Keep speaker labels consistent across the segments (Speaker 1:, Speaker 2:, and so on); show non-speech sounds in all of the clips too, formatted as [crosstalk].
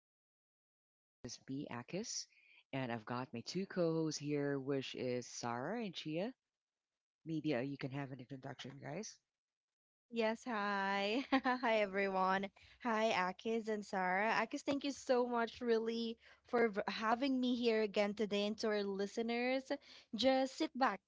Speaker 1: stepped into a chill zone. This is me, Akis, and I've got my two co hosts here, which is Sarah and Chia. Maybe you can have an introduction, guys.
Speaker 2: Yes, hi. [laughs] Hi, everyone. Hi, Akis and Sarah. Akis, thank you so much, really, for having me here again today. And to our listeners, just sit back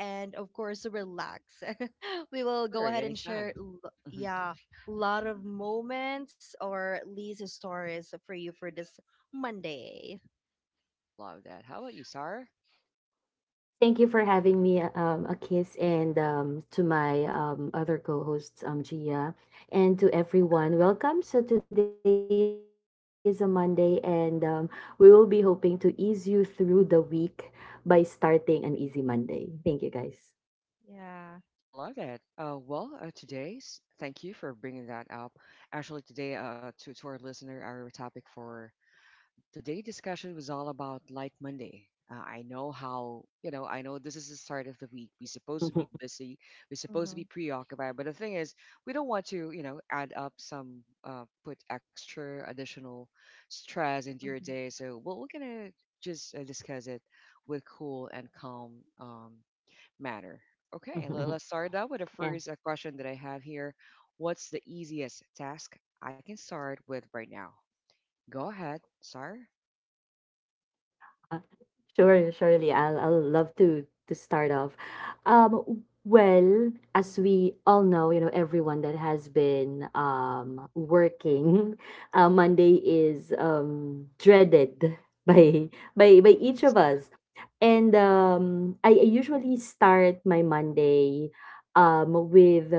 Speaker 2: and, of course, relax. [laughs] We will
Speaker 1: Sure,
Speaker 2: go ahead and share,
Speaker 1: anytime.
Speaker 2: l-
Speaker 1: Mhm.
Speaker 2: yeah, a lot of moments or at least stories for you for this Monday.
Speaker 1: I love that. How about you, Sarah?
Speaker 3: Thank you for having me, Akis, and to my other co-hosts, Gia, and to everyone. Welcome. So today is a Monday, and we will be hoping to ease you through the week by starting an easy Monday. Thank you, guys.
Speaker 2: Yeah.
Speaker 1: I love that. Today's thank you for bringing that up. Actually, today, to our listener, our topic for today discussion was all about Light Monday. I know how, you know, I know this is the start of the week. We're supposed to be busy. We're supposed to be
Speaker 2: Mhm,
Speaker 1: preoccupied. But the thing is, we don't want to, you know, add up some, put extra additional stress into your
Speaker 2: mhm,
Speaker 1: day. So well, we're going to just discuss it with cool and calm manner. Okay, let's
Speaker 3: [laughs]
Speaker 1: start out with the first
Speaker 3: Yeah.
Speaker 1: question that I have here. What's the easiest task I can start with right now? Go ahead, sir.
Speaker 3: Uh, Sure, surely. I'll love to start off. Well, as we all know, you know, everyone that has been working, [laughs] Monday is dreaded [laughs] by by each of us. And
Speaker 2: mhm,
Speaker 3: I usually start my Monday with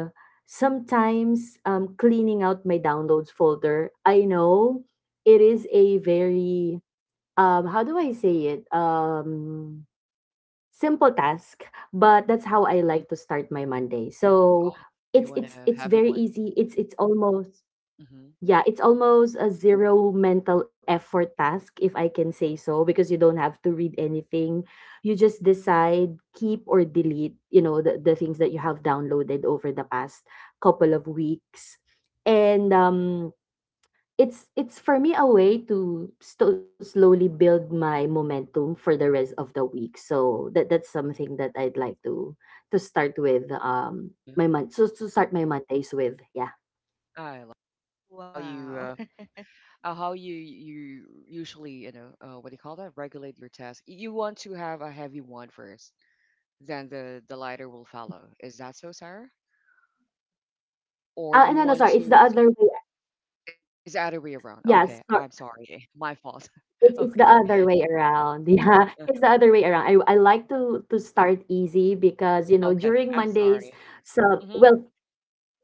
Speaker 3: sometimes cleaning out my downloads folder. I know it is a very how do I say it? Simple task, but
Speaker 2: mm.
Speaker 3: that's how I like to
Speaker 1: Mhm.
Speaker 3: start my Monday. So
Speaker 1: Oh,
Speaker 3: it's
Speaker 1: you
Speaker 3: it's
Speaker 1: wanna
Speaker 3: it's
Speaker 1: have
Speaker 3: very
Speaker 1: it one.
Speaker 3: easy. It's almost,
Speaker 1: Mhm.
Speaker 3: yeah, it's almost a zero mental effort task, if I can say so, because you don't have to read anything. You just decide, keep or delete, the things that you have downloaded over the past couple of weeks. And it's for me a way to sto slowly build my momentum for the rest of the week. So that's something that I'd like to start with my
Speaker 1: Mhm.
Speaker 3: month. So to start my Mondays with, yeah.
Speaker 1: I love how
Speaker 2: Wow.
Speaker 1: you
Speaker 2: [laughs]
Speaker 1: uh uh, how you you usually, you know, what do you call that? Regulate your task. You want to have a heavy one first, then the lighter will follow. Is that so, Sarah? Or you
Speaker 3: No,
Speaker 1: want
Speaker 3: no,
Speaker 1: to
Speaker 3: sorry. It's the other way.
Speaker 1: is the other way around. Okay, I'm
Speaker 3: Yeah,
Speaker 1: sorry.
Speaker 3: so
Speaker 1: [laughs] My fault. [laughs]
Speaker 3: it's the
Speaker 1: Okay.
Speaker 3: other way around. [laughs] Yeah,
Speaker 1: uh,
Speaker 3: it's the other way around. I like to start easy because
Speaker 1: Okay,
Speaker 3: during
Speaker 1: I'm
Speaker 3: Mondays,
Speaker 1: sorry.
Speaker 3: so
Speaker 1: hmm
Speaker 3: well.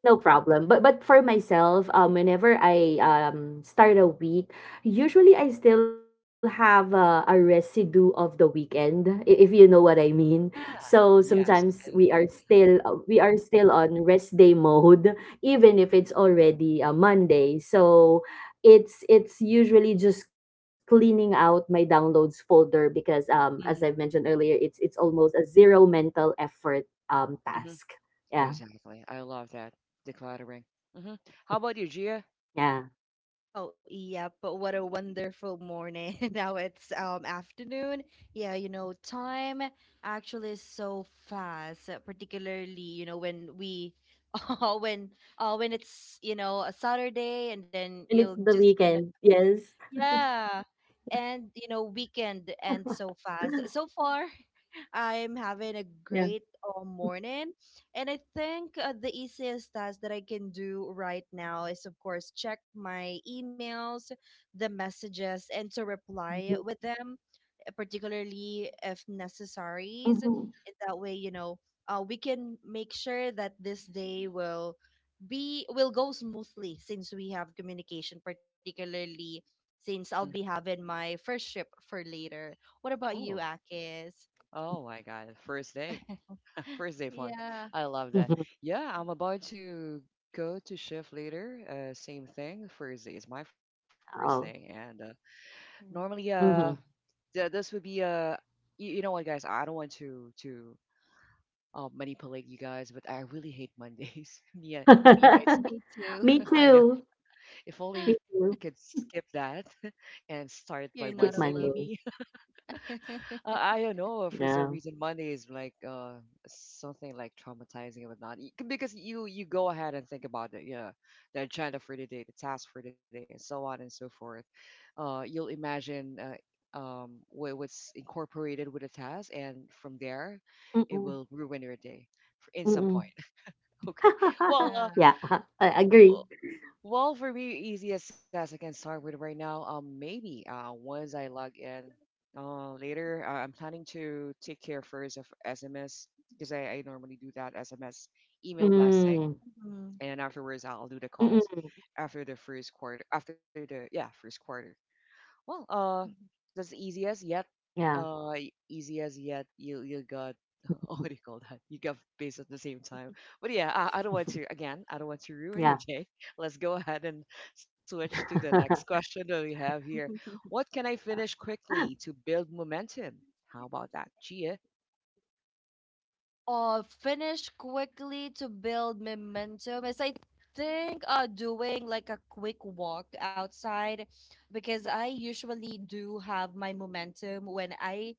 Speaker 3: No problem. But for myself, whenever I start a week, usually I still have a residue of the weekend, if you know what I mean.
Speaker 1: Yeah.
Speaker 3: So
Speaker 1: Yes.
Speaker 3: sometimes we
Speaker 1: And
Speaker 3: are still uh, we are still on rest day mode, even if it's already a Monday. So it's usually just cleaning out my downloads folder because as I've
Speaker 1: mhm,
Speaker 3: mentioned earlier, it's almost a zero mental effort
Speaker 1: mhm.
Speaker 3: task. Yeah.
Speaker 1: Exactly. I love that decluttering. hmm How about you, Gia?
Speaker 3: Yeah.
Speaker 2: Oh, yeah, but what a wonderful morning. [laughs] Now it's afternoon. Yeah, you know, time actually is so fast, particularly, you know, when we [laughs] uh, when when it's, you know, a Saturday and then you'll
Speaker 3: And it's
Speaker 2: just
Speaker 3: the
Speaker 2: gonna.
Speaker 3: weekend. Yes.
Speaker 2: Yeah. And you know, weekend ends so
Speaker 3: [laughs]
Speaker 2: fast. So far, [laughs] I'm having
Speaker 3: Yeah.
Speaker 2: a great morning. And I think the easiest task that I can do right now is, of course, check my emails, the messages, and to
Speaker 3: Mhm.
Speaker 2: reply with them particularly if
Speaker 3: Mhm.
Speaker 2: necessaries. In that way, you know, we can make sure that this day will go smoothly since we have communication, particularly since I'll be
Speaker 1: hmm
Speaker 2: having my first trip for later. What about you,
Speaker 1: Oh,
Speaker 2: Akis?
Speaker 1: oh my God! First day,
Speaker 2: [laughs]
Speaker 1: [laughs] first day funk.
Speaker 2: Yeah.
Speaker 1: I love that.
Speaker 3: Mhm.
Speaker 1: Yeah, I'm about to go to shift later. Same thing. First day is my first day, and
Speaker 3: Oh.
Speaker 1: uh, normally,
Speaker 2: Mm.
Speaker 1: uh,
Speaker 3: Mhm.
Speaker 1: th- this would be you, you know what, guys? I don't want to manipulate you guys, but I really hate Mondays. [laughs] Me
Speaker 2: [laughs]
Speaker 1: myself.
Speaker 2: Me
Speaker 3: [laughs]
Speaker 2: too.
Speaker 3: Me
Speaker 1: [laughs] I know.
Speaker 3: too.
Speaker 1: If only we
Speaker 3: Me
Speaker 1: could
Speaker 2: [laughs]
Speaker 3: too.
Speaker 1: skip that [laughs] and start by
Speaker 2: You're
Speaker 1: Wednesday,
Speaker 2: not
Speaker 3: Skip
Speaker 1: maybe.
Speaker 2: alone.
Speaker 3: Monday.
Speaker 1: I
Speaker 2: [laughs]
Speaker 1: don't know. For some
Speaker 3: Yeah.
Speaker 1: reason, Monday is like something like traumatizing and whatnot. Because you you go ahead and think about it, yeah, the agenda for the day, the task for the day, and so on and so forth. You'll imagine what's incorporated with the task, and from there,
Speaker 3: Mm-mm.
Speaker 1: it will ruin your day in some
Speaker 3: Mm-mm.
Speaker 1: point. [laughs] Okay.
Speaker 3: [laughs]
Speaker 1: Well,
Speaker 2: Yeah.
Speaker 1: uh,
Speaker 3: Yeah. [laughs] I agree.
Speaker 1: well, well, for me, easiest as I can start with right now, maybe once I log in, I'm planning to take care first of SMS because I normally do that SMS email blasting,
Speaker 3: Mm.
Speaker 1: and afterwards I'll do the calls
Speaker 3: Mm-mm.
Speaker 1: after the first quarter, after the first quarter. Well, that's easiest
Speaker 3: Yeah.
Speaker 1: yet. Easiest yet. You
Speaker 3: Mm-hmm.
Speaker 1: got [laughs] what do you call that? You got pissed at the same time. But yeah, I don't want to again. I don't want
Speaker 3: Yeah.
Speaker 1: to ruin your day. [laughs] Let's go ahead and switch to the
Speaker 3: [laughs]
Speaker 1: next question that
Speaker 2: Mhm.
Speaker 1: we have
Speaker 2: [laughs]
Speaker 1: here. What can I finish quickly to build momentum? How about that, Gia?
Speaker 2: Finish quickly to build momentum is I think doing like a quick walk outside, because I usually do have my momentum when I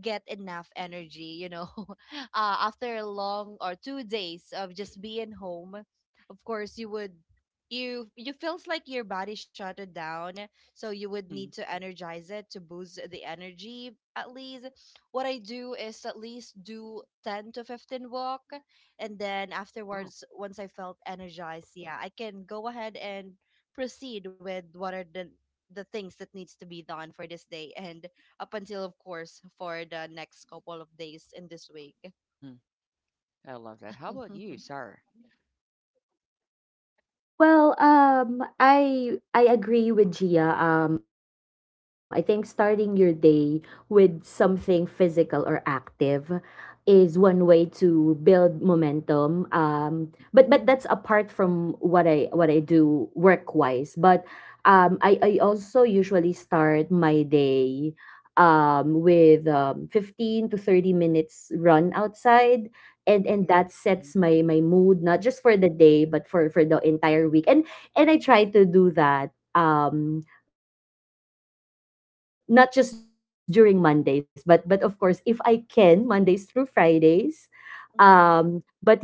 Speaker 2: get enough energy, you know. [laughs] After a long or 2 days of just being home, of course you feels like your body shut it down, so you would need
Speaker 1: hmm
Speaker 2: to energize it to boost the energy. At least what I do is at least do 10 to 15 walk, and then
Speaker 1: Wow.
Speaker 2: afterwards once I felt energized, yeah, I can go ahead and proceed with what are the things that needs to be done for this day and up until, of course, for the next couple of days in this week.
Speaker 1: hmm I love that. How about you,
Speaker 2: [laughs]
Speaker 1: Sarah?
Speaker 3: Well, I agree with Gia. I think starting your day with something physical or active is one way to build momentum. But that's apart from what I do work wise. But I also usually start my day with 15 to 30 minutes run outside, and
Speaker 1: Oh
Speaker 3: and
Speaker 1: my
Speaker 3: that
Speaker 1: God.
Speaker 3: sets
Speaker 1: hmm
Speaker 3: my mood not just for the day but for the entire week, and I try to do that not just during Mondays but of course, if I can, Mondays through Fridays. But I'd like
Speaker 2: Mhm.
Speaker 3: to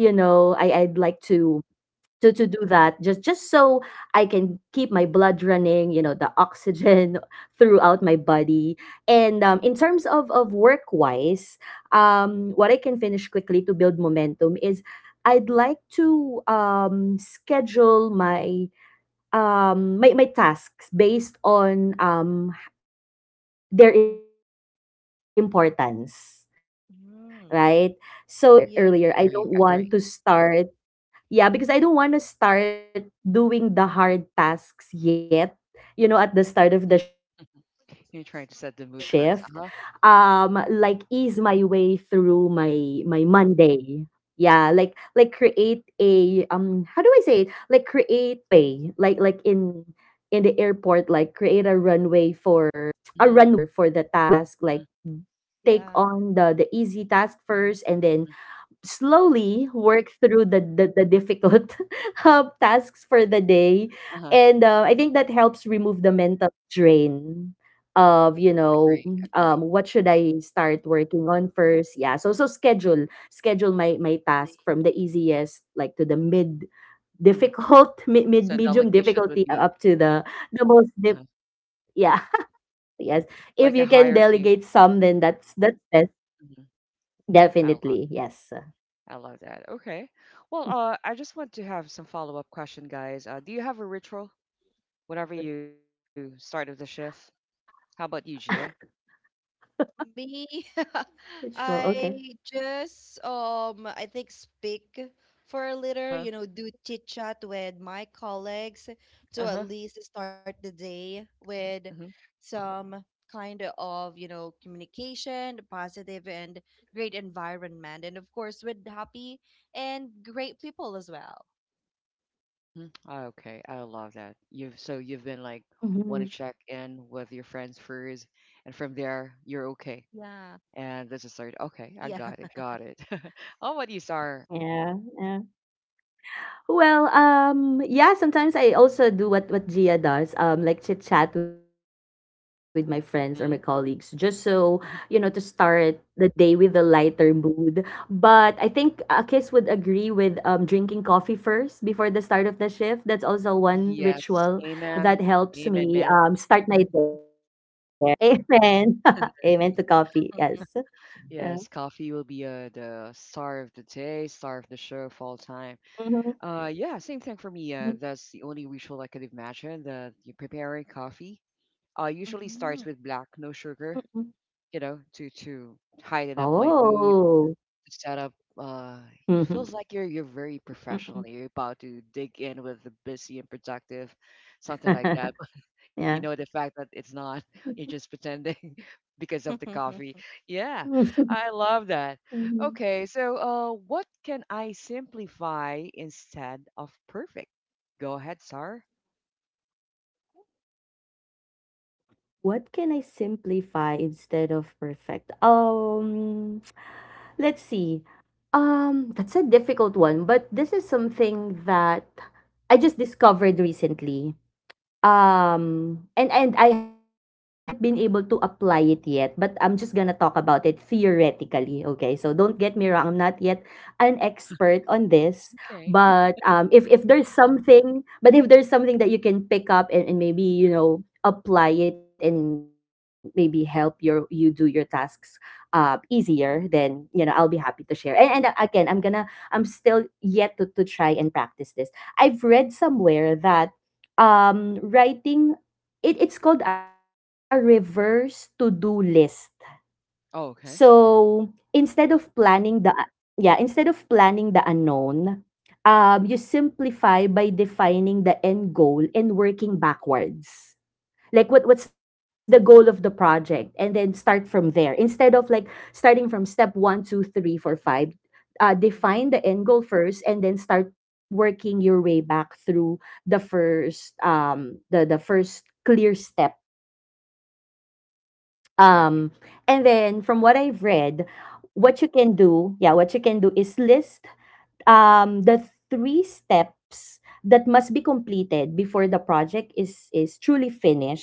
Speaker 3: to to do that just so I can keep my blood running, the oxygen [laughs] throughout my body. And in terms of work wise, what I can finish quickly to build momentum is I'd like to schedule my my tasks based on their importance,
Speaker 2: Mm-hmm.
Speaker 3: right? So that I
Speaker 2: Mm-hmm.
Speaker 3: because, like I
Speaker 2: Yeah.
Speaker 3: mentioned earlier
Speaker 1: Agree.
Speaker 3: earlier, I
Speaker 1: Agree.
Speaker 3: don't want to start, yeah, because I don't want to start doing the hard tasks yet, you know, at the start of
Speaker 1: hmm
Speaker 3: the shift.
Speaker 1: You trying to set the mood first. Uh huh.
Speaker 3: Like ease my way through my Monday. Yeah, like create a how do I say it? Like create a runway, like in the airport, like create a runway for
Speaker 1: hmm
Speaker 3: the task, like
Speaker 1: hmm
Speaker 3: take on the
Speaker 2: Yeah.
Speaker 3: the easy task first and then slowly work through the difficult [laughs] tasks for the day.
Speaker 1: Uh-huh.
Speaker 3: And I think that helps remove the mental drain
Speaker 1: Mhm.
Speaker 3: of, you know,
Speaker 1: Agree, agree.
Speaker 3: what should I start working on first. Yeah. So schedule my
Speaker 2: Really.
Speaker 3: task from the easiest, like to the
Speaker 2: Mhm.
Speaker 3: mid
Speaker 1: Mhm.
Speaker 3: difficult [laughs] mid, mid
Speaker 1: So
Speaker 3: medium
Speaker 1: delegation would
Speaker 3: difficulty,
Speaker 1: be
Speaker 3: up to the
Speaker 1: uh
Speaker 3: most yeah. [laughs] Yes,
Speaker 1: like a
Speaker 3: if you can
Speaker 1: hierarchy.
Speaker 3: delegate some, then that's best,
Speaker 1: Mhm. I love
Speaker 3: definitely, yes.
Speaker 1: I love that. Okay. Well, I just want to have some follow-up question, guys. Do you have a ritual whenever you start of the shift? How about you, Gia?
Speaker 3: [laughs]
Speaker 2: Me, [laughs]
Speaker 3: Ritual, okay.
Speaker 2: I just I think speak for a little,
Speaker 1: Uh-huh.
Speaker 2: you know, do chit chat with my colleagues to at
Speaker 1: Uh-huh.
Speaker 2: least start the day with
Speaker 1: Mhm.
Speaker 2: some kind of, you know, communication, positive and great environment, and of course with happy and great people as well.
Speaker 1: Mm-hmm. Okay, I love that. You've so you've been like want to check
Speaker 3: Mhm.
Speaker 1: in with your friends first, and from
Speaker 2: Yeah.
Speaker 1: there you're okay. And
Speaker 2: Yeah.
Speaker 1: this is started. Okay, got it. [laughs] How about you, Star?
Speaker 3: Yeah, yeah. Well, yeah, sometimes I also do what Gia does, like chit chat with my friends or my colleagues, just
Speaker 1: Mhm.
Speaker 3: so, to start the day with a lighter mood. But I think, Kiss would agree with drinking coffee first before the start of the shift. That's also one ritual
Speaker 1: Yes,
Speaker 3: that
Speaker 1: amen.
Speaker 3: helps me
Speaker 1: Amen, man.
Speaker 3: start my day. [laughs] Amen. [laughs] Amen to coffee. Yes. Yeah.
Speaker 1: Yes, coffee will be the star of the day, star of the show of all time.
Speaker 3: Mm-hmm.
Speaker 1: Yeah, same thing for me. That's the only ritual I could imagine. The preparing coffee. Usually starts with black, no
Speaker 3: Mm.
Speaker 1: sugar. You know, to heighten up my mood,
Speaker 3: Oh.
Speaker 1: to set up. It
Speaker 3: Mhm,
Speaker 1: feels like you're very
Speaker 3: mm.
Speaker 1: professional. You're about to dig in with the busy and productive, something like
Speaker 3: [laughs]
Speaker 1: that. You
Speaker 3: Yeah.
Speaker 1: know the fact that it's not [laughs] you're just pretending [laughs] because of the coffee,
Speaker 2: [laughs]
Speaker 1: yeah.
Speaker 3: [laughs]
Speaker 1: I love that.
Speaker 3: Mhm.
Speaker 1: Okay, so what can I simplify instead of perfect? Go ahead, sir.
Speaker 3: What can I simplify instead of perfect? [tsk] Let's see. That's a difficult one, but this is
Speaker 1: Uh-huh.
Speaker 3: something that I just discovered recently. And I haven't been able to apply it yet, but I'm just gonna talk about it theoretically, okay? So don't get me wrong, I'm not yet an expert on
Speaker 1: It's
Speaker 3: this,
Speaker 1: okay.
Speaker 3: but if there's something that you can pick up and, maybe, apply it and maybe help you do your tasks easier, then I'll be happy to share. And Again, I'm still yet to try and practice this. I've read somewhere that writing it it's called a reverse to-do list.
Speaker 1: [laughs] Oh, okay.
Speaker 3: So, instead of planning the unknown, you simplify by defining the end goal and working backwards,
Speaker 1: hmm
Speaker 3: like what's the goal of the project and then start from there, instead of like starting from step one two three four five. Define the end goal first and then start working your way back through the first clear step. um and then,
Speaker 1: exactly.
Speaker 3: from what I've
Speaker 1: hmm
Speaker 3: read, what you can do is list the three steps that must be completed before the project is truly finished.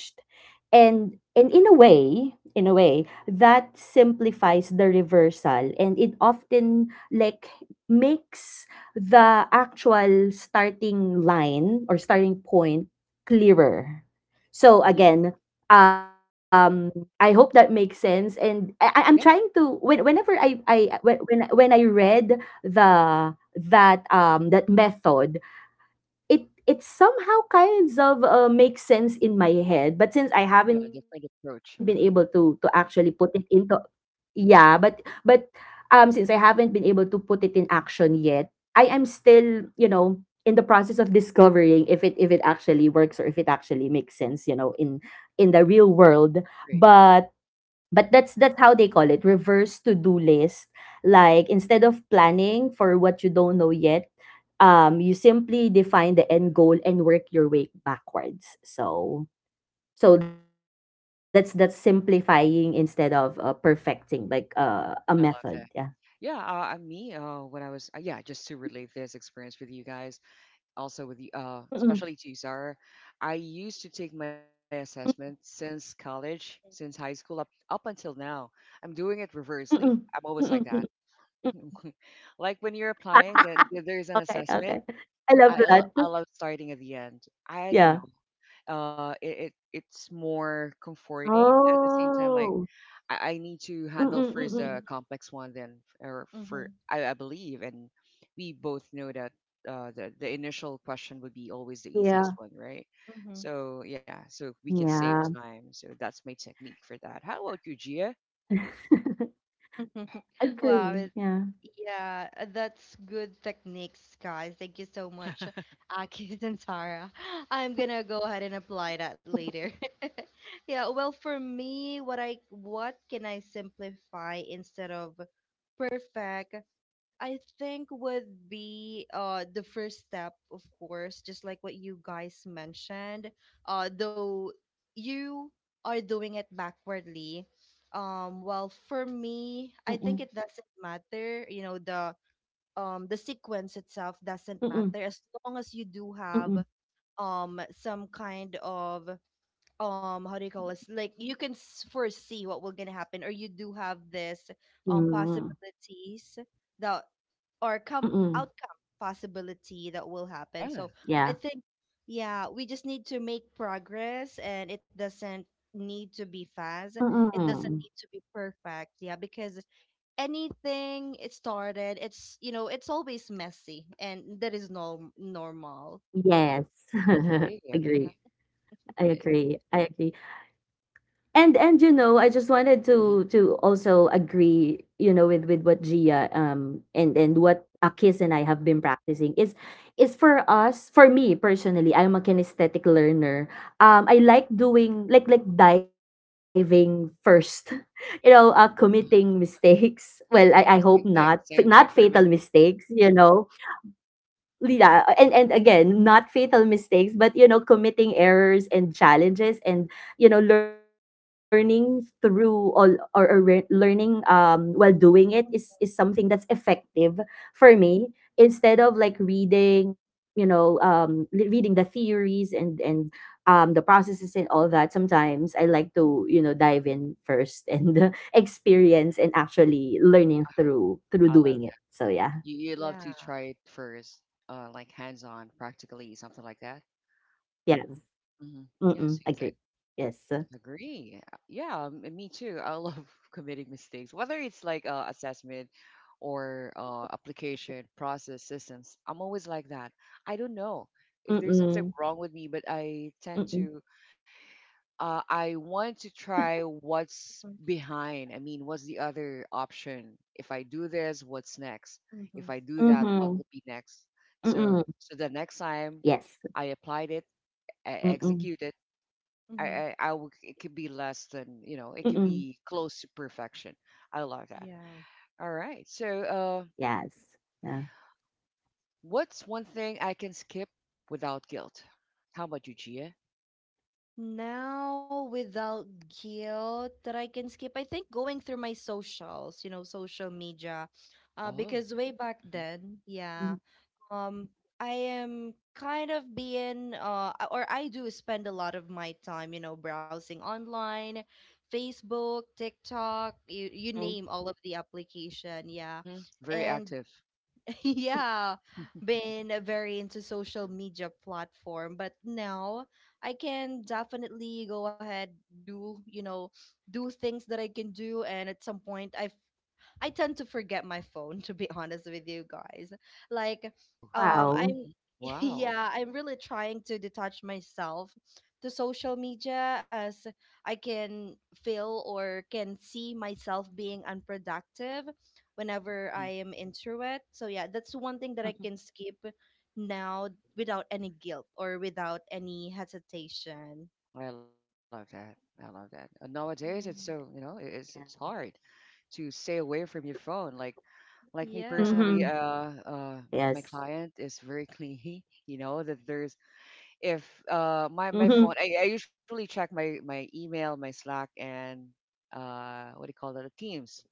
Speaker 3: And, in a way, that simplifies the reversal, and it often, like, makes the actual starting line or starting point clearer.
Speaker 2: Mhm,
Speaker 3: So again, um I hope that makes sense, and I'm trying
Speaker 1: yeah,
Speaker 3: to, whenever I when I read the that method, it somehow kinds of, makes sense in my head, but
Speaker 1: yeah,
Speaker 3: since
Speaker 1: a
Speaker 3: I
Speaker 1: different
Speaker 3: haven't been able
Speaker 1: approach.
Speaker 3: to to actually put it into, yeah. But since I haven't been able to put it in action yet, I am still, in the process of discovering if it actually works, or if it actually makes sense, in the real world.
Speaker 1: Agree.
Speaker 3: But that's how they call it, reverse to do list, like instead of planning for what you don't know yet, you simply define the end goal and work your way backwards. So that's simplifying instead of, perfecting, like, a
Speaker 1: Uh,
Speaker 3: method, yeah.
Speaker 1: I love that. When I was, yeah, just to relate this experience with you guys, also with you,
Speaker 3: Mm-mm.
Speaker 1: especially to you, Sarah. I used to take my
Speaker 3: Mm,
Speaker 1: assessment since college, since high school up until now.
Speaker 3: mm-mm.
Speaker 1: I'm doing it
Speaker 3: Mm-mm. Mm-mm.
Speaker 1: reversely. I'm
Speaker 3: Mm.
Speaker 1: always like that. [laughs] Like
Speaker 3: [laughs]
Speaker 1: when you're
Speaker 3: Okay,
Speaker 1: applying, then
Speaker 3: okay.
Speaker 1: there's an
Speaker 3: I love
Speaker 1: assessment.
Speaker 3: that.
Speaker 1: I love starting at the
Speaker 3: Yeah.
Speaker 1: end. I don't know. It's more comforting at the
Speaker 3: Oh.
Speaker 1: same time. Like I need
Speaker 3: Mm-mm.
Speaker 1: to
Speaker 3: Mm-mm.
Speaker 1: handle
Speaker 3: Mm.
Speaker 2: [laughs]
Speaker 1: first the
Speaker 2: mhm,
Speaker 1: complex one, then f- or
Speaker 2: mhm,
Speaker 1: for I believe, and we both know that the initial question would be always the
Speaker 3: Yeah,
Speaker 1: easiest one, right?
Speaker 2: mhm,
Speaker 1: So yeah, so we can save
Speaker 3: yeah.
Speaker 1: time. So that's my technique for that. How about you, Gia?
Speaker 3: [laughs]
Speaker 2: mhm.
Speaker 3: Agree,
Speaker 2: [laughs]
Speaker 3: yeah.
Speaker 2: Wow. Yeah, that's good techniques, guys. Thank you so much,
Speaker 1: [laughs]
Speaker 2: [laughs] Akis and Sarah. [laughs] I'm gonna go ahead and apply that later. [laughs] Yeah, well, for me, what can I simplify instead of perfect? I think would be the first step, of course, just like what you guys mentioned. Though you are doing it backwardly. Um, well, for
Speaker 3: Mm,
Speaker 2: me, I think it doesn't matter, you know, the sequence itself
Speaker 3: mm,
Speaker 2: doesn't matter as long as you do
Speaker 3: mm.
Speaker 2: have some kind of how do you call this, like you can foresee what will gonna happen, or you do have this
Speaker 3: Mm,
Speaker 2: possibilities that or come
Speaker 3: mm.
Speaker 2: outcome possibility that will happen.
Speaker 1: Yeah,
Speaker 2: So I
Speaker 3: Yeah.
Speaker 2: think, yeah, we just need to make progress, and it doesn't need to be fast,
Speaker 3: Mm.
Speaker 2: it doesn't need to be perfect. Yeah, because anything it started, it's, you know, it's always messy, and that is normal.
Speaker 3: Yes. [laughs]
Speaker 1: okay, yeah,
Speaker 3: Agree.
Speaker 1: agree.
Speaker 3: I
Speaker 2: Okay.
Speaker 3: agree. I agree. And, you know, I just wanted to
Speaker 1: hmm
Speaker 3: to also agree, with what Gia, and what Akis and I have been practicing, is for us, for me personally, I'm a kinesthetic learner. I like doing, like, diving first, [laughs] committing mistakes. Well, I hope
Speaker 1: Yeah,
Speaker 3: not not
Speaker 1: same thing
Speaker 3: fatal
Speaker 1: for me.
Speaker 3: mistakes. Yeah. And, again, not fatal mistakes, but committing errors and challenges, and learning through all, or learning, while doing it, is something that's effective for me, instead of like
Speaker 1: [laughs]
Speaker 3: reading you know li- reading the theories and the processes and all that. Sometimes I like to, dive in first and [laughs] experience and actually learning through
Speaker 1: I love
Speaker 3: doing it,
Speaker 1: that.
Speaker 3: so yeah.
Speaker 1: You love to
Speaker 2: Yeah.
Speaker 1: try it first, like hands on, practically something like that.
Speaker 3: Yeah.
Speaker 1: hmm Yeah,
Speaker 3: Mm,
Speaker 1: same thing.
Speaker 3: agree. Yes.
Speaker 1: Agree. Me too. I love [laughs] committing mistakes, whether it's like assessment or application process systems. I'm always like that. I don't know
Speaker 3: Mm,
Speaker 1: if there's something wrong with me, but
Speaker 3: mm.
Speaker 1: I tend to. I want to try what's
Speaker 2: Mm-hmm.
Speaker 1: behind. I mean, what's the other option? If I do this, what's next?
Speaker 3: Mhm,
Speaker 1: If I do that, what will
Speaker 3: mm.
Speaker 1: be next? So, so
Speaker 3: Yes.
Speaker 1: the next time I applied it,
Speaker 3: Mm,
Speaker 1: I executed I,
Speaker 2: Mm-hmm.
Speaker 1: I, I would, it could be less than,
Speaker 3: mm.
Speaker 1: you know, it could be close to perfection. I love that.
Speaker 2: Yeah.
Speaker 1: All right. So,
Speaker 3: Yes. Yeah.
Speaker 1: what's one thing I can skip without guilt? How about you, Gia?
Speaker 2: Now, without guilt that I can skip, I think going through my socials, you know, social media,
Speaker 1: Oh,
Speaker 2: because way back
Speaker 1: hmm
Speaker 2: then,
Speaker 3: Mhm,
Speaker 2: yeah, um, I am kind of being, or I do spend a lot of my time, you know, browsing online, Facebook, TikTok, you
Speaker 3: mm.
Speaker 2: name all of the application, yeah.
Speaker 1: very
Speaker 2: And
Speaker 1: active.
Speaker 2: [laughs] yeah, been very into social media platform, but now I can definitely go ahead, do, you know, do things that I can do, and at some point I tend to forget my phone, to be [laughs] honest with you guys. Like,
Speaker 1: Oh,
Speaker 2: um,
Speaker 3: Wow.
Speaker 2: I'm,
Speaker 1: hmm
Speaker 2: [laughs]
Speaker 1: wow.
Speaker 2: yeah, I'm really trying to detach myself to social media as I can feel or can see myself being unproductive whenever I
Speaker 1: hmm
Speaker 2: am into it. So, yeah, that's one thing that I
Speaker 3: Mm.
Speaker 2: can skip now without any guilt or without any hesitation.
Speaker 1: I love that. I love that. Nowadays, it's
Speaker 2: Yeah.
Speaker 1: so, you know, it's
Speaker 3: Yeah.
Speaker 1: hard to stay away from your phone. Like me
Speaker 2: Yeah.
Speaker 1: personally,
Speaker 3: Mhm.
Speaker 1: uh, my
Speaker 3: Yes.
Speaker 1: client is very clingy. [laughs] You know that there's if my my phone I,
Speaker 3: Mhm.
Speaker 1: I usually check my email, my Slack, and what do you call that, the Teams.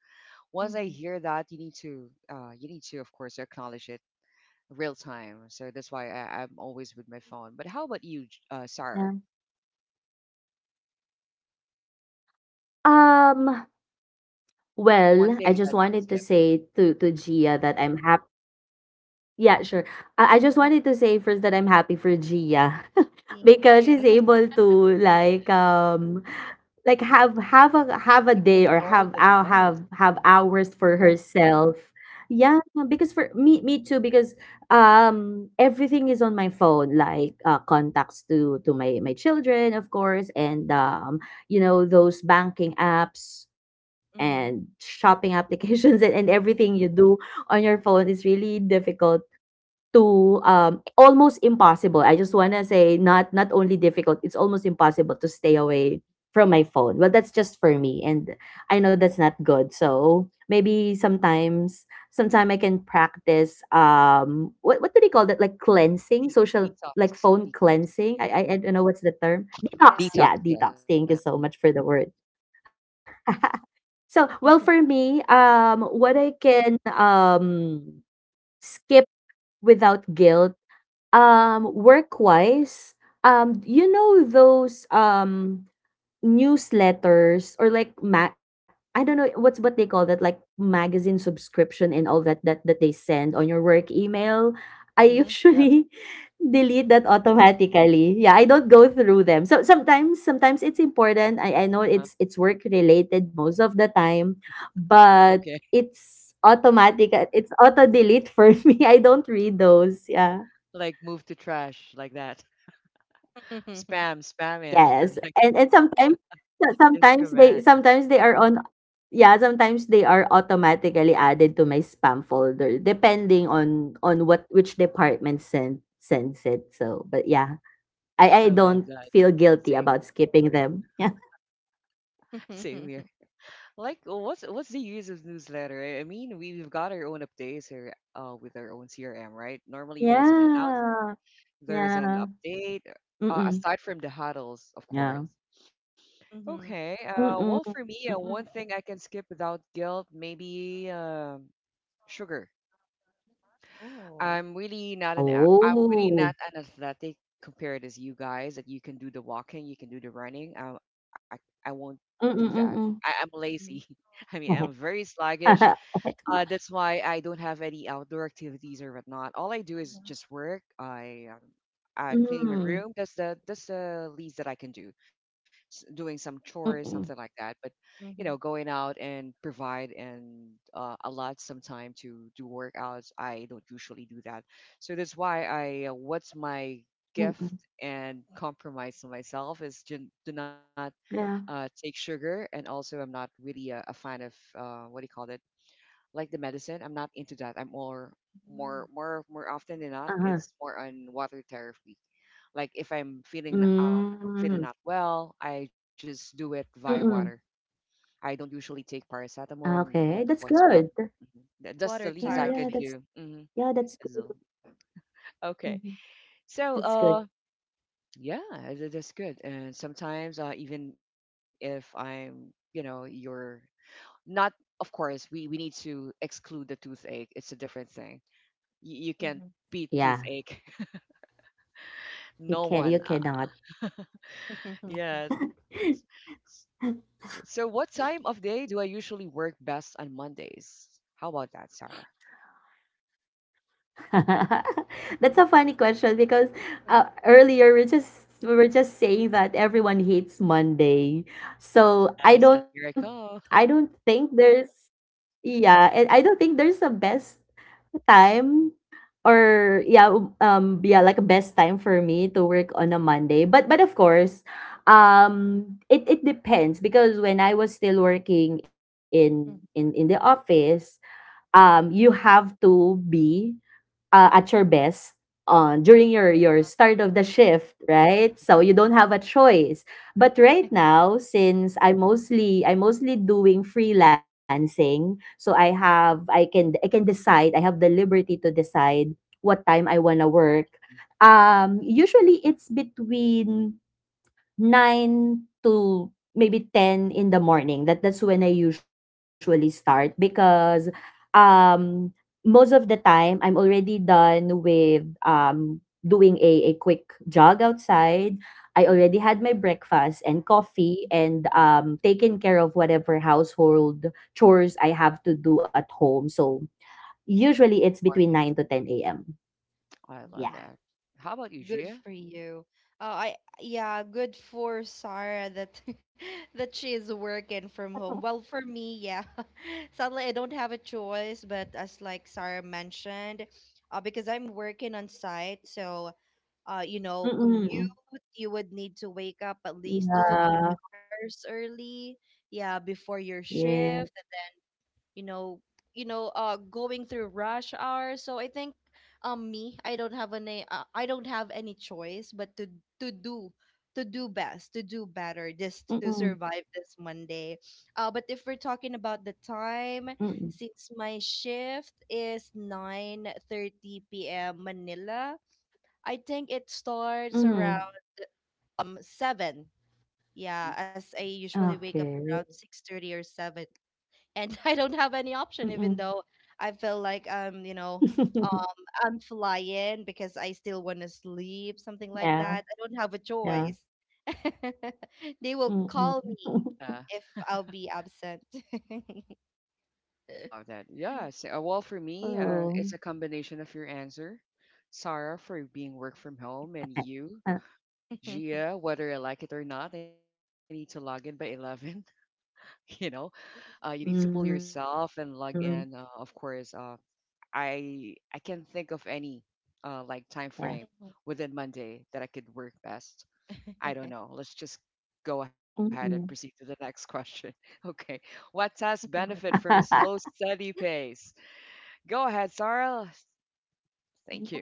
Speaker 1: Once I
Speaker 2: Mm-hmm.
Speaker 1: hear that you need to of course acknowledge it real time, so that's why I'm always with my phone. But how about you,
Speaker 3: Yeah.
Speaker 1: Sarah?
Speaker 3: Um,
Speaker 1: What's one
Speaker 3: well,
Speaker 1: thing
Speaker 3: I
Speaker 1: that
Speaker 3: just
Speaker 1: you can
Speaker 3: wanted
Speaker 1: skip?
Speaker 3: to say to
Speaker 1: Mhm.
Speaker 3: to Gia that I'm happy. Yeah, sure. I just wanted to say first that I'm happy for Gia [laughs]
Speaker 2: Thank
Speaker 3: because
Speaker 2: you.
Speaker 3: she's
Speaker 1: Yes,
Speaker 3: able to, like, have a
Speaker 1: she can
Speaker 3: day, or
Speaker 1: control
Speaker 3: have
Speaker 1: the device.
Speaker 3: have
Speaker 1: Mm,
Speaker 3: hours for herself. Yeah, because for me too, because everything is on my phone, like, contacts to my children, of course, and those banking apps and
Speaker 2: Mm-hmm.
Speaker 3: shopping [laughs] applications, and, everything you do on your phone is really difficult to, almost impossible. I just wanna say, not only difficult, it's almost impossible to stay away from my phone. Well, that's just for me, and I know
Speaker 1: uh-huh.
Speaker 3: that's not good. So maybe sometime I can practice. What do they call that? Like cleansing,
Speaker 1: De-
Speaker 3: social like
Speaker 1: detox
Speaker 3: phone
Speaker 1: detox
Speaker 3: cleansing. I don't know what's the term. Detox.
Speaker 1: detox,
Speaker 3: Yeah,
Speaker 1: yeah.
Speaker 3: detox. Thank you so much for the word. [laughs] So well for me, what I can skip without guilt, work-wise, those newsletters or like I don't know what's what they call that, like magazine subscription and all that they send on your work email. I
Speaker 1: Mm-hmm. Yes.
Speaker 3: usually [laughs] delete that automatically. Yeah, I don't go through them. So sometimes it's important.
Speaker 1: Uh-huh.
Speaker 3: I know it's work related most of the time,
Speaker 1: Okay.
Speaker 3: but
Speaker 1: [laughs]
Speaker 3: it's automatic. It's auto delete for [laughs] me. I don't read those. Yeah.
Speaker 1: Like move to trash like that.
Speaker 2: Yeah. [laughs]
Speaker 1: Spam, spam it,
Speaker 3: Yes,
Speaker 1: [laughs] or like
Speaker 3: and sometimes,
Speaker 1: it's a
Speaker 3: so
Speaker 1: command.
Speaker 3: sometimes they are on yeah, sometimes they are automatically added to my spam folder depending on what which department sends it. So, but yeah,
Speaker 1: I
Speaker 3: I
Speaker 1: love
Speaker 3: don't
Speaker 1: that.
Speaker 3: feel guilty
Speaker 1: Same,
Speaker 3: about skipping them. [laughs] Yeah.
Speaker 1: same here.
Speaker 2: [laughs]
Speaker 1: Like, what's the use of newsletter? I mean, we, we've got our own updates here, with our own CRM, right? Normally, there's an announce,
Speaker 3: Yeah.
Speaker 1: there's
Speaker 3: Yeah.
Speaker 1: an update,
Speaker 3: Mm-mm.
Speaker 1: aside from the huddles, of
Speaker 3: Yeah.
Speaker 1: course.
Speaker 2: Mhm.
Speaker 1: Okay.
Speaker 3: Mm-mm.
Speaker 1: Well, for me,
Speaker 3: Mm-mm.
Speaker 1: one thing I can skip without guilt, maybe sugar.
Speaker 2: Oh.
Speaker 1: I'm really
Speaker 3: Oh.
Speaker 1: not an athletic compared as you guys that you can do the walking, you can do the running. I won't do that. I'm
Speaker 3: Mm-mm.
Speaker 1: lazy.
Speaker 2: Mhm.
Speaker 1: [laughs] I mean, I'm
Speaker 3: Mm-mm.
Speaker 1: very sluggish.
Speaker 3: [laughs]
Speaker 1: That's why I don't have any outdoor activities or whatnot. All I do is
Speaker 2: Mhm.
Speaker 1: just work. I cleaning my
Speaker 3: Mm.
Speaker 1: room. That's the least that I can do. Doing some chores, something
Speaker 3: Mm-mm.
Speaker 1: like that. But you
Speaker 2: Mhm.
Speaker 1: know, going out and provide and allot some time to do workouts. I don't usually do that. So that's why I what's my gift
Speaker 3: Mm-mm.
Speaker 1: and compromise to myself is to do not
Speaker 3: Yeah.
Speaker 1: take sugar, and also I'm not really a fan of what do you call it, like the medicine. I'm not into that. I'm more
Speaker 2: Mm.
Speaker 1: more often than not,
Speaker 3: Uh-huh.
Speaker 1: it's more on water therapy. Like if I'm feeling feeling
Speaker 3: Mm,
Speaker 1: not well, I just do it via water.
Speaker 3: mm.
Speaker 1: I don't usually take
Speaker 3: Ah, okay, that's
Speaker 1: paracetamol,
Speaker 3: good.
Speaker 1: no whatsoever. Mhm.
Speaker 3: Yeah,
Speaker 1: That's the
Speaker 2: Water
Speaker 1: least I can
Speaker 2: therapy.
Speaker 1: do.
Speaker 3: yeah, that's good. Mhm,
Speaker 1: Okay.
Speaker 3: that's
Speaker 1: So,
Speaker 3: good.
Speaker 1: yeah, that's good. And sometimes, even if I'm, you know, you're not, of course, we need to exclude the toothache. It's a different thing. You can
Speaker 2: Mhm.
Speaker 1: beat
Speaker 3: Yeah,
Speaker 1: toothache. [laughs]
Speaker 3: you
Speaker 1: No
Speaker 3: can
Speaker 1: one.
Speaker 3: you cannot.
Speaker 2: Mhm.
Speaker 1: Yes. S-
Speaker 3: [laughs]
Speaker 1: So, what time of day do I usually work best on Mondays? How about that, Sarah?
Speaker 3: That's a funny
Speaker 2: [laughs]
Speaker 3: question because earlier we were just saying that everyone hates Monday. So I
Speaker 1: Yes, and
Speaker 3: don't
Speaker 1: here I
Speaker 3: I
Speaker 1: come.
Speaker 3: don't think there's a best time. Or yeah, yeah, like a best time for me to work on a Monday. But of course, it it depends because when I was still working in in the office, you have to be at your best on during your start of the shift, right? So you
Speaker 1: [laughs]
Speaker 3: don't have a choice. But right now, since I mostly doing freelancing, so I can decide. I have the liberty to decide what time I wanna work. Usually it's between 9 to maybe 10 in the morning. That's when I usually start because um most of the time I'm already done with doing a quick jog outside.
Speaker 1: Mhm,
Speaker 3: I
Speaker 1: mhm, mhm,
Speaker 3: already had my breakfast and
Speaker 1: mhm. [laughs]
Speaker 3: coffee and taken care of whatever household chores I have to do at home. So usually it's between 9 to 10 a.m.
Speaker 1: I love
Speaker 3: Yeah.
Speaker 2: Oh,
Speaker 1: that. How about you,
Speaker 2: good
Speaker 1: Gia?
Speaker 2: for you. Oh, I yeah, good for Sarah that [laughs] that she is working from home. Well,
Speaker 3: [laughs]
Speaker 2: for me, yeah, [laughs] sadly I don't have a choice. But as like Sarah mentioned, because I'm working on site, so you know, commute.
Speaker 3: Mm-mm.
Speaker 2: You would need to wake up at least
Speaker 3: Yeah.
Speaker 2: two to three
Speaker 3: Yeah.
Speaker 2: hours early, yeah, before your shift.
Speaker 3: Yes.
Speaker 2: You know, you know, going through rush hour. So I think, me, I don't have any choice but to to do to do best, to do better, just to survive
Speaker 3: Mm-mm.
Speaker 2: this Monday. But if we're talking about the time,
Speaker 3: Mm-mm.
Speaker 2: since my shift is 9:30 p.m. Manila, I think it starts
Speaker 3: Mhm.
Speaker 2: around seven.
Speaker 1: Hmm
Speaker 2: Yeah, as I usually wake up around
Speaker 3: Okay,
Speaker 2: 6:30 or seven, and [laughs] I don't have any option, even
Speaker 3: mm.
Speaker 2: though I feel like you know, uh,
Speaker 3: [laughs]
Speaker 2: I'm flying because I still want to sleep, something like that. I
Speaker 3: Yeah,
Speaker 2: don't have a choice.
Speaker 3: yeah,
Speaker 2: [laughs] They will call me
Speaker 3: mm.
Speaker 1: Yeah,
Speaker 2: if
Speaker 3: [laughs]
Speaker 2: I'll be absent.
Speaker 1: I love that. Yeah. So, well, for me,
Speaker 3: Oo.
Speaker 1: it's a combination of your answer, Sarah, for being work from home, and you,
Speaker 3: Ah,
Speaker 2: [laughs] [laughs]
Speaker 1: Gia, whether I like it or not, I need to log in by 11, [laughs] you know, you need to pull yourself
Speaker 3: mhm,
Speaker 1: and log in. Of course, I can't think of any
Speaker 3: yeah,
Speaker 1: like time frame within Monday that I could work best. I don't know. Let's just go ahead and
Speaker 3: mm.
Speaker 1: proceed to the next question. [laughs] Okay, what has benefit from a slow,
Speaker 3: [laughs]
Speaker 1: steady pace? Go ahead, Sarah. Thank you.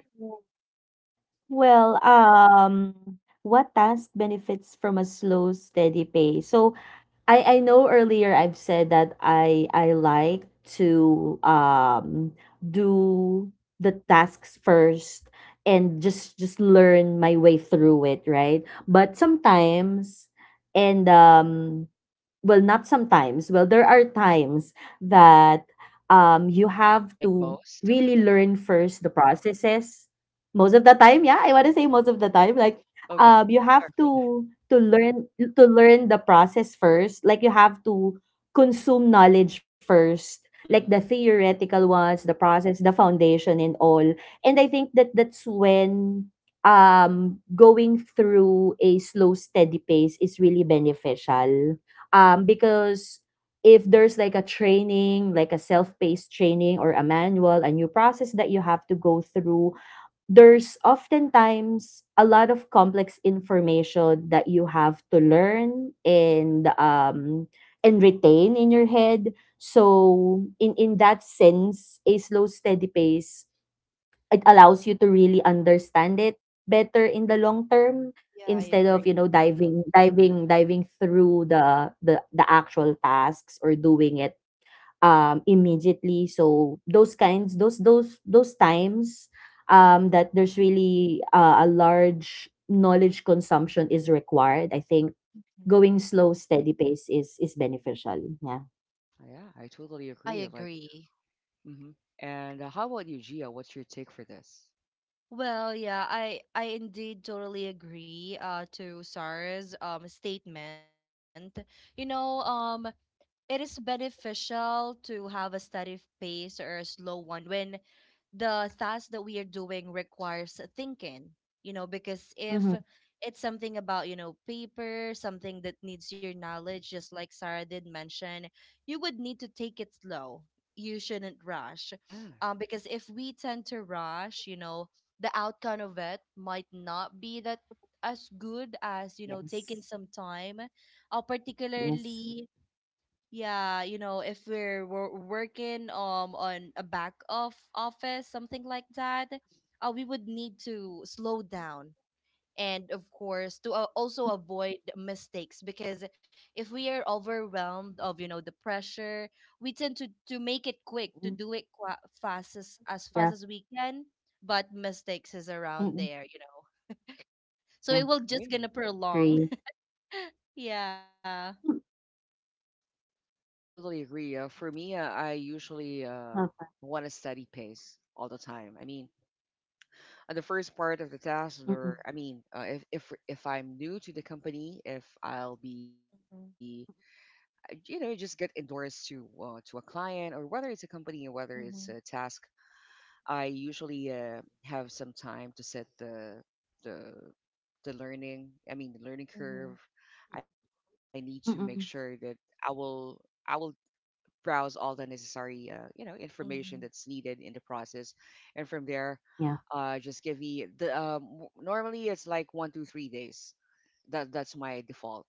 Speaker 3: Well, what task benefits from a slow, steady pace? So, I know earlier I've said that I like to do the tasks first and just learn my way through it, right? But sometimes and well not sometimes well there are times that you have
Speaker 1: Like
Speaker 3: to
Speaker 1: most of the
Speaker 3: really
Speaker 1: time.
Speaker 3: learn first the processes, most of the time. Yeah, I want to say most of the time, like
Speaker 1: Okay,
Speaker 3: you
Speaker 1: [laughs]
Speaker 3: have
Speaker 1: sorry for that.
Speaker 3: to to learn the process first, like you have to consume knowledge first, like the
Speaker 1: Hmm
Speaker 3: theoretical ones, the process, the foundation and all. And I think that that's when going through a slow steady pace is really beneficial, because if there's like a training, like a self-paced training or a manual, a new process that you have to go through, there's oftentimes a lot of complex information that you have to learn and retain in your head. So in that sense a slow steady pace, it allows you to really understand it better in the long term,
Speaker 2: Yeah, I
Speaker 3: instead of
Speaker 2: agree.
Speaker 3: you know
Speaker 1: hmm
Speaker 3: diving
Speaker 1: yeah,
Speaker 3: diving diving through the actual tasks or doing it immediately. So those kinds, those times
Speaker 2: Mhm.
Speaker 3: that there's really a large knowledge consumption is required, I think
Speaker 2: Mhm.
Speaker 3: going slow steady pace is beneficial, yeah.
Speaker 1: yeah, I totally
Speaker 2: I
Speaker 1: agree. Like,
Speaker 2: agree.
Speaker 1: hmm and how about you, Gia? What's your take for this?
Speaker 2: Well, yeah, I indeed totally agree to Sarah's statement. You know, um, it is beneficial to have a steady pace or a slow one when the task that we are doing requires thinking, you know, because if
Speaker 3: Mm-hmm.
Speaker 2: it's something about, you know, paper, something that needs your knowledge, just like Sarah did mention, you would need to take it slow. You shouldn't rush.
Speaker 1: Yeah.
Speaker 2: Because if we tend to rush, you know, the outcome of it might not be that as good as, you know, taking
Speaker 3: Yes.
Speaker 2: some time,
Speaker 3: Yes.
Speaker 2: particularly, yeah, you know, if we're working on a back of office something like that, we would need to slow down, and of course to also avoid mistakes, because if we are overwhelmed of, you know, the pressure, we tend to make it
Speaker 3: Mm,
Speaker 2: quick, to do it qua fast as
Speaker 3: yeah.
Speaker 2: fast as we can, but mistakes is
Speaker 3: Mm, mm,
Speaker 2: around there, you know,
Speaker 3: yeah.
Speaker 2: so it will just gonna
Speaker 1: Agree.
Speaker 2: prolong.
Speaker 3: Agree.
Speaker 2: [laughs] Yeah.
Speaker 3: Mm,
Speaker 1: Totally agree. For me, I
Speaker 3: okay.
Speaker 1: usually want a steady pace all the time. I mean, on the first part
Speaker 3: Mm,
Speaker 1: of the
Speaker 3: mm.
Speaker 1: task, or I mean, if I'm new to the company, if I'll be, you know, just get endorsed to a client, or whether it's a company or whether it's
Speaker 2: Mm-hmm.
Speaker 1: a task, I usually have some time to set the the learning. I mean, the learning
Speaker 2: Mm-hmm.
Speaker 1: curve. I need to make sure that
Speaker 3: Mm.
Speaker 1: I will I will browse all the necessary you know information that's needed in the process, and
Speaker 3: Yeah.
Speaker 1: from there just give me the normally it's like 1 to 3 days. That's my default,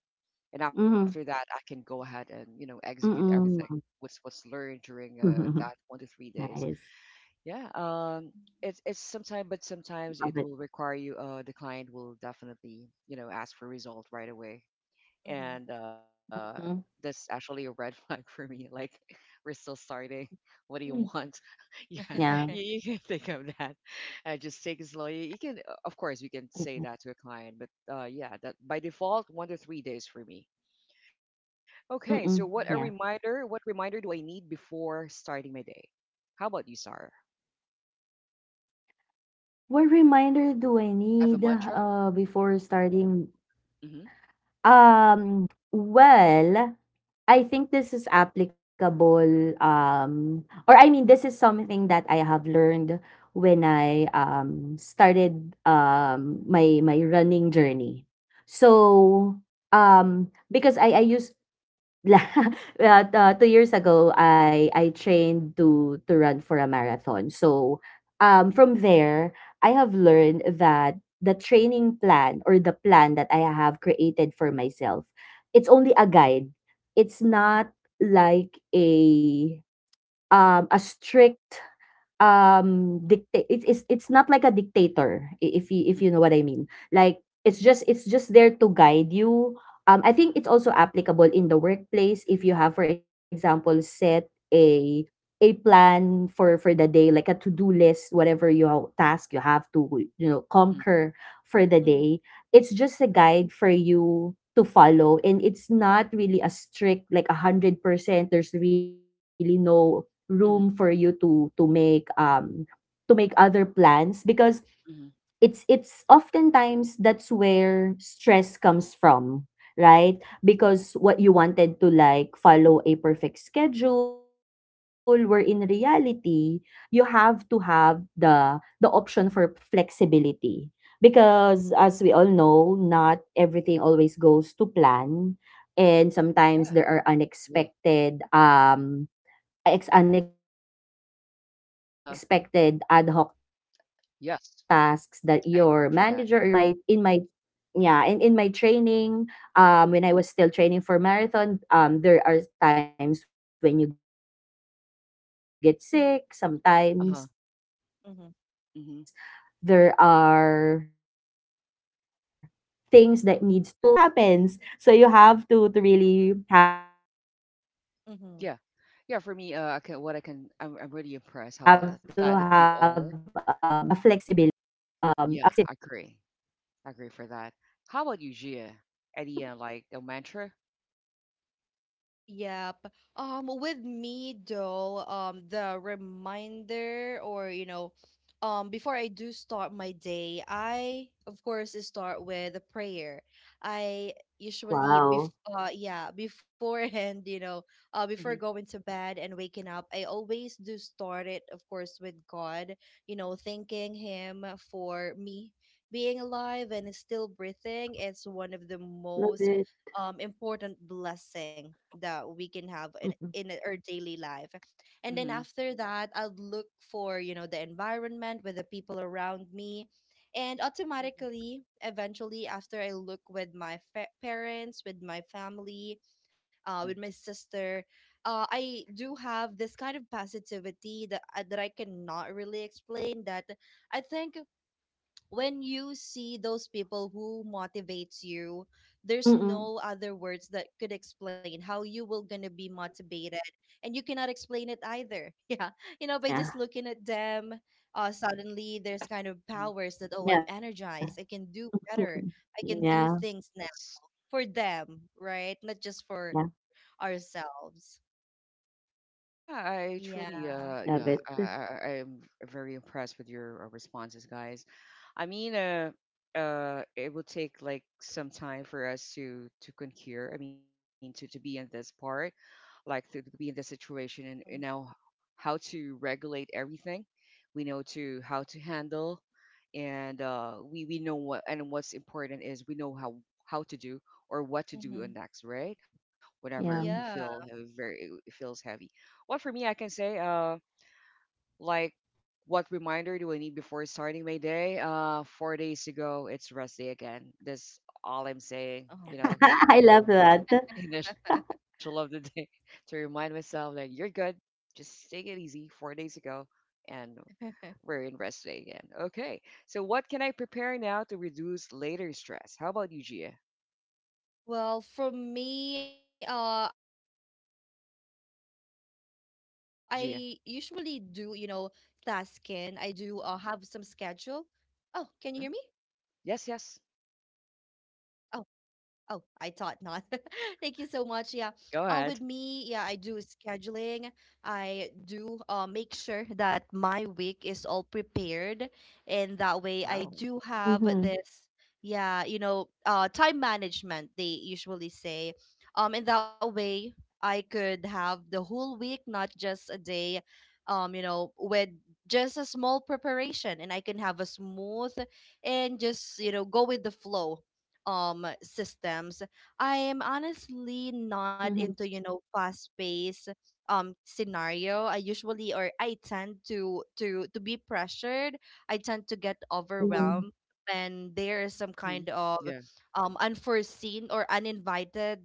Speaker 1: and
Speaker 3: Mhm.
Speaker 1: after that I can go ahead and you know execute
Speaker 3: Mm.
Speaker 1: everything what's learned during
Speaker 3: [laughs]
Speaker 1: that one to three
Speaker 3: Nice.
Speaker 1: days Yeah. It's sometimes, but
Speaker 3: Love
Speaker 1: sometimes
Speaker 3: it.
Speaker 1: it will require you, the client will definitely you know ask for result right away,
Speaker 2: Hmm.
Speaker 1: and
Speaker 3: Mhm.
Speaker 1: that's actually a red flag [laughs] for me. Like, [laughs] we're still starting. What do you
Speaker 3: Mm.
Speaker 1: want? [laughs] Yeah,
Speaker 3: Yeah.
Speaker 1: you,
Speaker 2: Hmm.
Speaker 1: you
Speaker 2: [laughs]
Speaker 1: can think of that. Just take it slow. You can, of course, you can say
Speaker 3: Mm.
Speaker 1: that to a client, but yeah, that by default, 1 to 3 days for me. Okay, so what a
Speaker 3: Mm.
Speaker 2: Mhm,
Speaker 1: reminder!
Speaker 3: Yeah.
Speaker 1: What reminder do I need before starting my day? How about you, Sarah?
Speaker 3: What reminder do I
Speaker 1: You have a
Speaker 3: need,
Speaker 1: mantra?
Speaker 3: before starting?
Speaker 1: Mm-hmm.
Speaker 3: Well, I think this is applicable, or I mean, this is something that I have learned when I started my my running journey.
Speaker 2: mhm,
Speaker 3: So, because I used la [laughs] 2 years ago, I trained to run for a marathon. So, from there, I have learned that the training plan or the plan that I have created for myself, it's only a guide. It's
Speaker 2: mhm,
Speaker 3: not like a strict dictate. It's it's not like a dictator, if
Speaker 1: Mm-hmm.
Speaker 3: you know what I mean. Like it's just there to guide you. I think it's also applicable in the workplace, if you have for example set a plan for the day, like a to-do list, whatever your task you have to you know conquer for the
Speaker 2: mhm,
Speaker 3: day, it's just a guide for you to follow, and it's not really a strict like 100%. There's really no room for you
Speaker 1: Mm-hmm.
Speaker 3: to make to make other plans, because
Speaker 1: Mm-hmm.
Speaker 3: it's oftentimes that's where stress comes from, right? Because what you wanted to like follow a perfect schedule, where in reality you have to have the option for flexibility, because as we all know not everything always goes to plan. And sometimes there are
Speaker 1: Agree.
Speaker 3: unexpected Ex unexpected ad hoc
Speaker 1: Uh
Speaker 3: tasks
Speaker 1: huh.
Speaker 3: that your manager or your
Speaker 1: Yes,
Speaker 3: supervisor ask for
Speaker 1: I
Speaker 3: you
Speaker 1: agree
Speaker 3: to
Speaker 1: for that.
Speaker 3: do in my yeah. And in my training, um, when I was still training for marathon, um, there are times when you
Speaker 1: Uh
Speaker 3: get
Speaker 1: huh.
Speaker 3: sick
Speaker 2: mhm,
Speaker 3: sometimes,
Speaker 1: Mm-hmm.
Speaker 3: there are things that needs to be attended to at home, sometimes life happens [laughs] you know, it's just life, it happens, so you have
Speaker 2: mhm.
Speaker 1: Yeah.
Speaker 3: to really
Speaker 1: Yeah, for me,
Speaker 3: have to
Speaker 1: I can,
Speaker 3: have
Speaker 1: what I can,
Speaker 3: a
Speaker 1: I'm really impressed how
Speaker 3: flexibility
Speaker 1: athletic you
Speaker 3: to
Speaker 1: are.
Speaker 3: yeah.
Speaker 1: Yeah, I agree. I agree for that. How about you, Gia? Any, like, the mantra?
Speaker 2: Yep. With me though, the reminder or, you know, before I do start my day, I of course start with a prayer. I usually yeah, beforehand, [laughs] you know, uh,
Speaker 3: Wow,
Speaker 2: before
Speaker 1: Mm-hmm,
Speaker 2: going to bed and waking up, I always do start it, of course, with God, you know, thanking Him for me being alive and
Speaker 3: nice.
Speaker 2: still breathing. It's one of the most important blessing
Speaker 3: Love
Speaker 2: that
Speaker 3: it.
Speaker 2: we can have in our daily life. And then
Speaker 1: mm-hmm,
Speaker 2: after
Speaker 3: Mm,
Speaker 2: that, I'll look for, you know, the environment with the people around me, and automatically, eventually, after I look with my parents, with my family, with my
Speaker 1: mm-hmm,
Speaker 2: sister, I do have this kind of positivity that, that I cannot really explain. That, I think, when you see those people who motivates you, there's no other words that could explain how you will gonna be
Speaker 3: mm.
Speaker 2: motivated, and you cannot explain it either. [laughs] Yeah, you know, by just looking at
Speaker 3: Yeah,
Speaker 2: them, uh, suddenly there's kind
Speaker 3: yeah.
Speaker 2: of
Speaker 1: mm-hmm.
Speaker 2: powers that, oh, I'm energized, I can do
Speaker 3: Mm,
Speaker 2: better, I can do things now
Speaker 1: That's...
Speaker 2: for
Speaker 3: mm.
Speaker 2: them, right,
Speaker 3: Yeah,
Speaker 2: not just for ourselves.
Speaker 3: yeah.
Speaker 1: Yeah, I truly,
Speaker 2: Yeah.
Speaker 1: I
Speaker 3: Love
Speaker 1: am
Speaker 3: it.
Speaker 1: very impressed with your responses, guys. I mean, it will take like some time for us to concur. I mean, to be in this part, like to be in this situation, and you
Speaker 2: Mhm.
Speaker 1: know how to regulate everything. We know to how to handle, and we know
Speaker 3: Mm,
Speaker 1: what and what's important is we know
Speaker 3: yeah,
Speaker 1: how to do or what to do
Speaker 2: Mhm.
Speaker 1: next, right? Whenever we feel
Speaker 2: Yeah.
Speaker 1: very it feels heavy. Well, for me, I can
Speaker 3: yeah.
Speaker 1: say, like, what reminder do I need before starting my day? Four days ago, it's rest day again. That's all I'm saying,
Speaker 2: Oh.
Speaker 1: you know, [laughs] initial of the day
Speaker 3: [laughs] I
Speaker 1: [laughs] to
Speaker 3: love
Speaker 1: remind
Speaker 3: that.
Speaker 1: myself that you're good. Just take it easy. Four days ago, and
Speaker 2: [laughs]
Speaker 1: we're in rest day again. Okay. So, what can I prepare now to reduce later
Speaker 3: Yeah.
Speaker 1: stress? How
Speaker 3: I
Speaker 1: about you, Gia?
Speaker 3: I love
Speaker 2: Well, for me, I usually do, you know, tasking. I
Speaker 1: Yeah,
Speaker 2: do
Speaker 1: Gia.
Speaker 2: have some schedule. Oh, can you hear me?
Speaker 1: Hmm Yes, yes.
Speaker 2: Oh, I thought not. [laughs] Thank you so much. Yeah. With me, yeah,
Speaker 1: Go
Speaker 2: I do
Speaker 1: ahead.
Speaker 2: scheduling. I do make sure that my week is all prepared. And that way I do
Speaker 1: Wow.
Speaker 2: have this, yeah, you know,
Speaker 3: mhm,
Speaker 2: time management, they usually say. And that way I could have the whole week, not just a day, you know, with just a small preparation, and I can have a smooth and just, you know, go with the flow, um, systems. I am honestly not
Speaker 3: mhm,
Speaker 2: into, you know, fast paced scenario. I usually or i tend to be pressured. I tend to get overwhelmed when there is some kind of
Speaker 1: hmm
Speaker 3: mm,
Speaker 1: Yeah.
Speaker 2: unforeseen or uninvited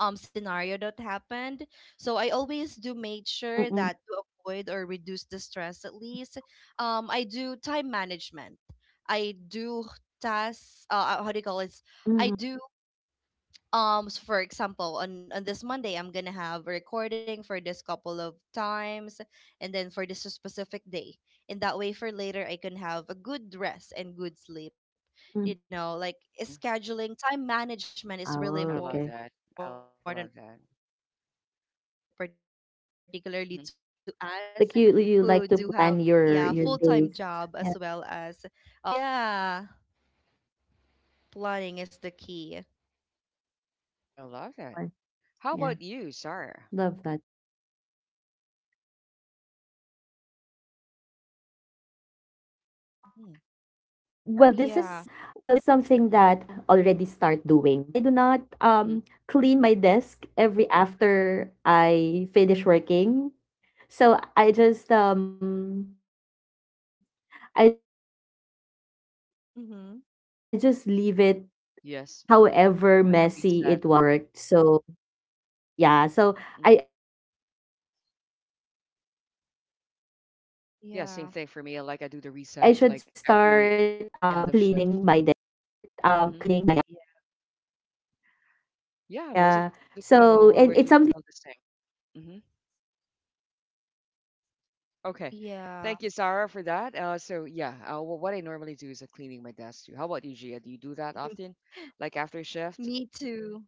Speaker 2: scenario that happened. So I always do make sure that to avoid or reduce the stress
Speaker 3: mm,
Speaker 2: at least. I do time management. I do
Speaker 3: mhm.
Speaker 2: tasks. How do you call it? I do,
Speaker 3: Okay.
Speaker 2: um, so for example on this Monday, I'm gonna have a recording for this couple of times and then for this specific day, and that way for later I can have a good rest and good sleep.
Speaker 3: Mm.
Speaker 2: You know, like, eh,
Speaker 1: hmm
Speaker 2: scheduling, time management is really
Speaker 3: Oh, okay.
Speaker 2: important,
Speaker 1: I love
Speaker 2: particularly
Speaker 1: that.
Speaker 2: to
Speaker 1: I
Speaker 2: us
Speaker 1: love that.
Speaker 2: who do have, yeah, full-time job as well
Speaker 1: Mm-hmm.
Speaker 2: as
Speaker 3: Like you like
Speaker 2: sidelines.
Speaker 3: to
Speaker 2: [laughs] side
Speaker 3: plan your days. Yeah.
Speaker 2: Yeah, planning is the key.
Speaker 1: I
Speaker 3: Okay,
Speaker 1: love that.
Speaker 3: that's a
Speaker 1: How
Speaker 3: good
Speaker 1: about
Speaker 3: one.
Speaker 1: you, Sarah?
Speaker 3: Yeah, love that. Well, this is
Speaker 2: Mhm.
Speaker 3: something that I
Speaker 1: Sarah?
Speaker 3: should
Speaker 2: Yeah.
Speaker 3: already start doing. Um, because I do not
Speaker 1: Mm-hmm.
Speaker 3: because I do not clean my desk every after I finish working. So
Speaker 2: Mm-hmm.
Speaker 3: I just leave it,
Speaker 1: Yes,
Speaker 3: however
Speaker 1: like a
Speaker 3: messy it
Speaker 1: reset.
Speaker 3: was during the
Speaker 1: Mm.
Speaker 3: the the hours that I worked. So yeah, so
Speaker 1: Yeah,
Speaker 3: I
Speaker 1: same
Speaker 3: should
Speaker 1: thing
Speaker 2: Yeah.
Speaker 1: for me. I
Speaker 3: start
Speaker 1: like I do the reset like
Speaker 3: cleaning my
Speaker 1: every
Speaker 3: desk after
Speaker 1: end of
Speaker 3: shift
Speaker 1: shift.
Speaker 3: just so
Speaker 1: Hmm
Speaker 2: Yeah.
Speaker 1: Yeah, most of the time we feel
Speaker 3: yeah.
Speaker 1: the same.
Speaker 3: So
Speaker 1: Hmm
Speaker 3: and it's something
Speaker 1: Okay, thank
Speaker 2: Yeah.
Speaker 1: you, Sarah, for that. So yeah, what I normally do is cleaning my desk too. How about you, Gia? Do you do that often,
Speaker 2: [laughs]
Speaker 1: like after shift?
Speaker 2: Me too.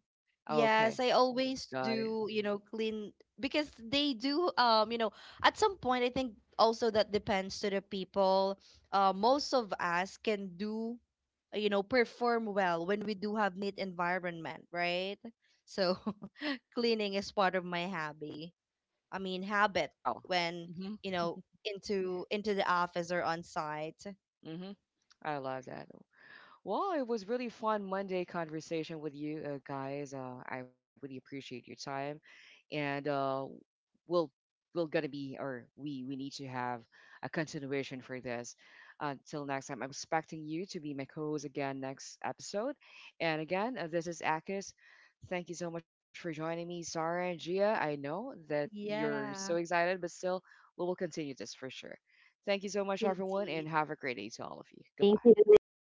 Speaker 1: Okay,
Speaker 2: Yes, I
Speaker 1: got it.
Speaker 2: always do, you know, clean, because they do, you know, at some point I think also that depends to the people. Most of us can do, you know, perform well when we do have neat environment, right? So [laughs] cleaning is part of my hobby. I mean, habit,
Speaker 1: Wow.
Speaker 2: when,
Speaker 1: hmm
Speaker 2: you know, into the office or on site.
Speaker 1: hmm I love that. Well, it was really fun Monday conversation with you guys. I really appreciate your time, and we'll we'll gonna be, or we need to have a continuation for this. Until next time, I'm expecting you to be my co-host again next episode. And again, this is Akis. Thank you so much for joining me, Sarah and Gia. I know that you're so
Speaker 2: Yeah,
Speaker 1: excited, but still, we will continue this for sure. Thank you so much, everyone,
Speaker 2: indeed.
Speaker 1: and have a great day to all of you. Goodbye.
Speaker 2: Thank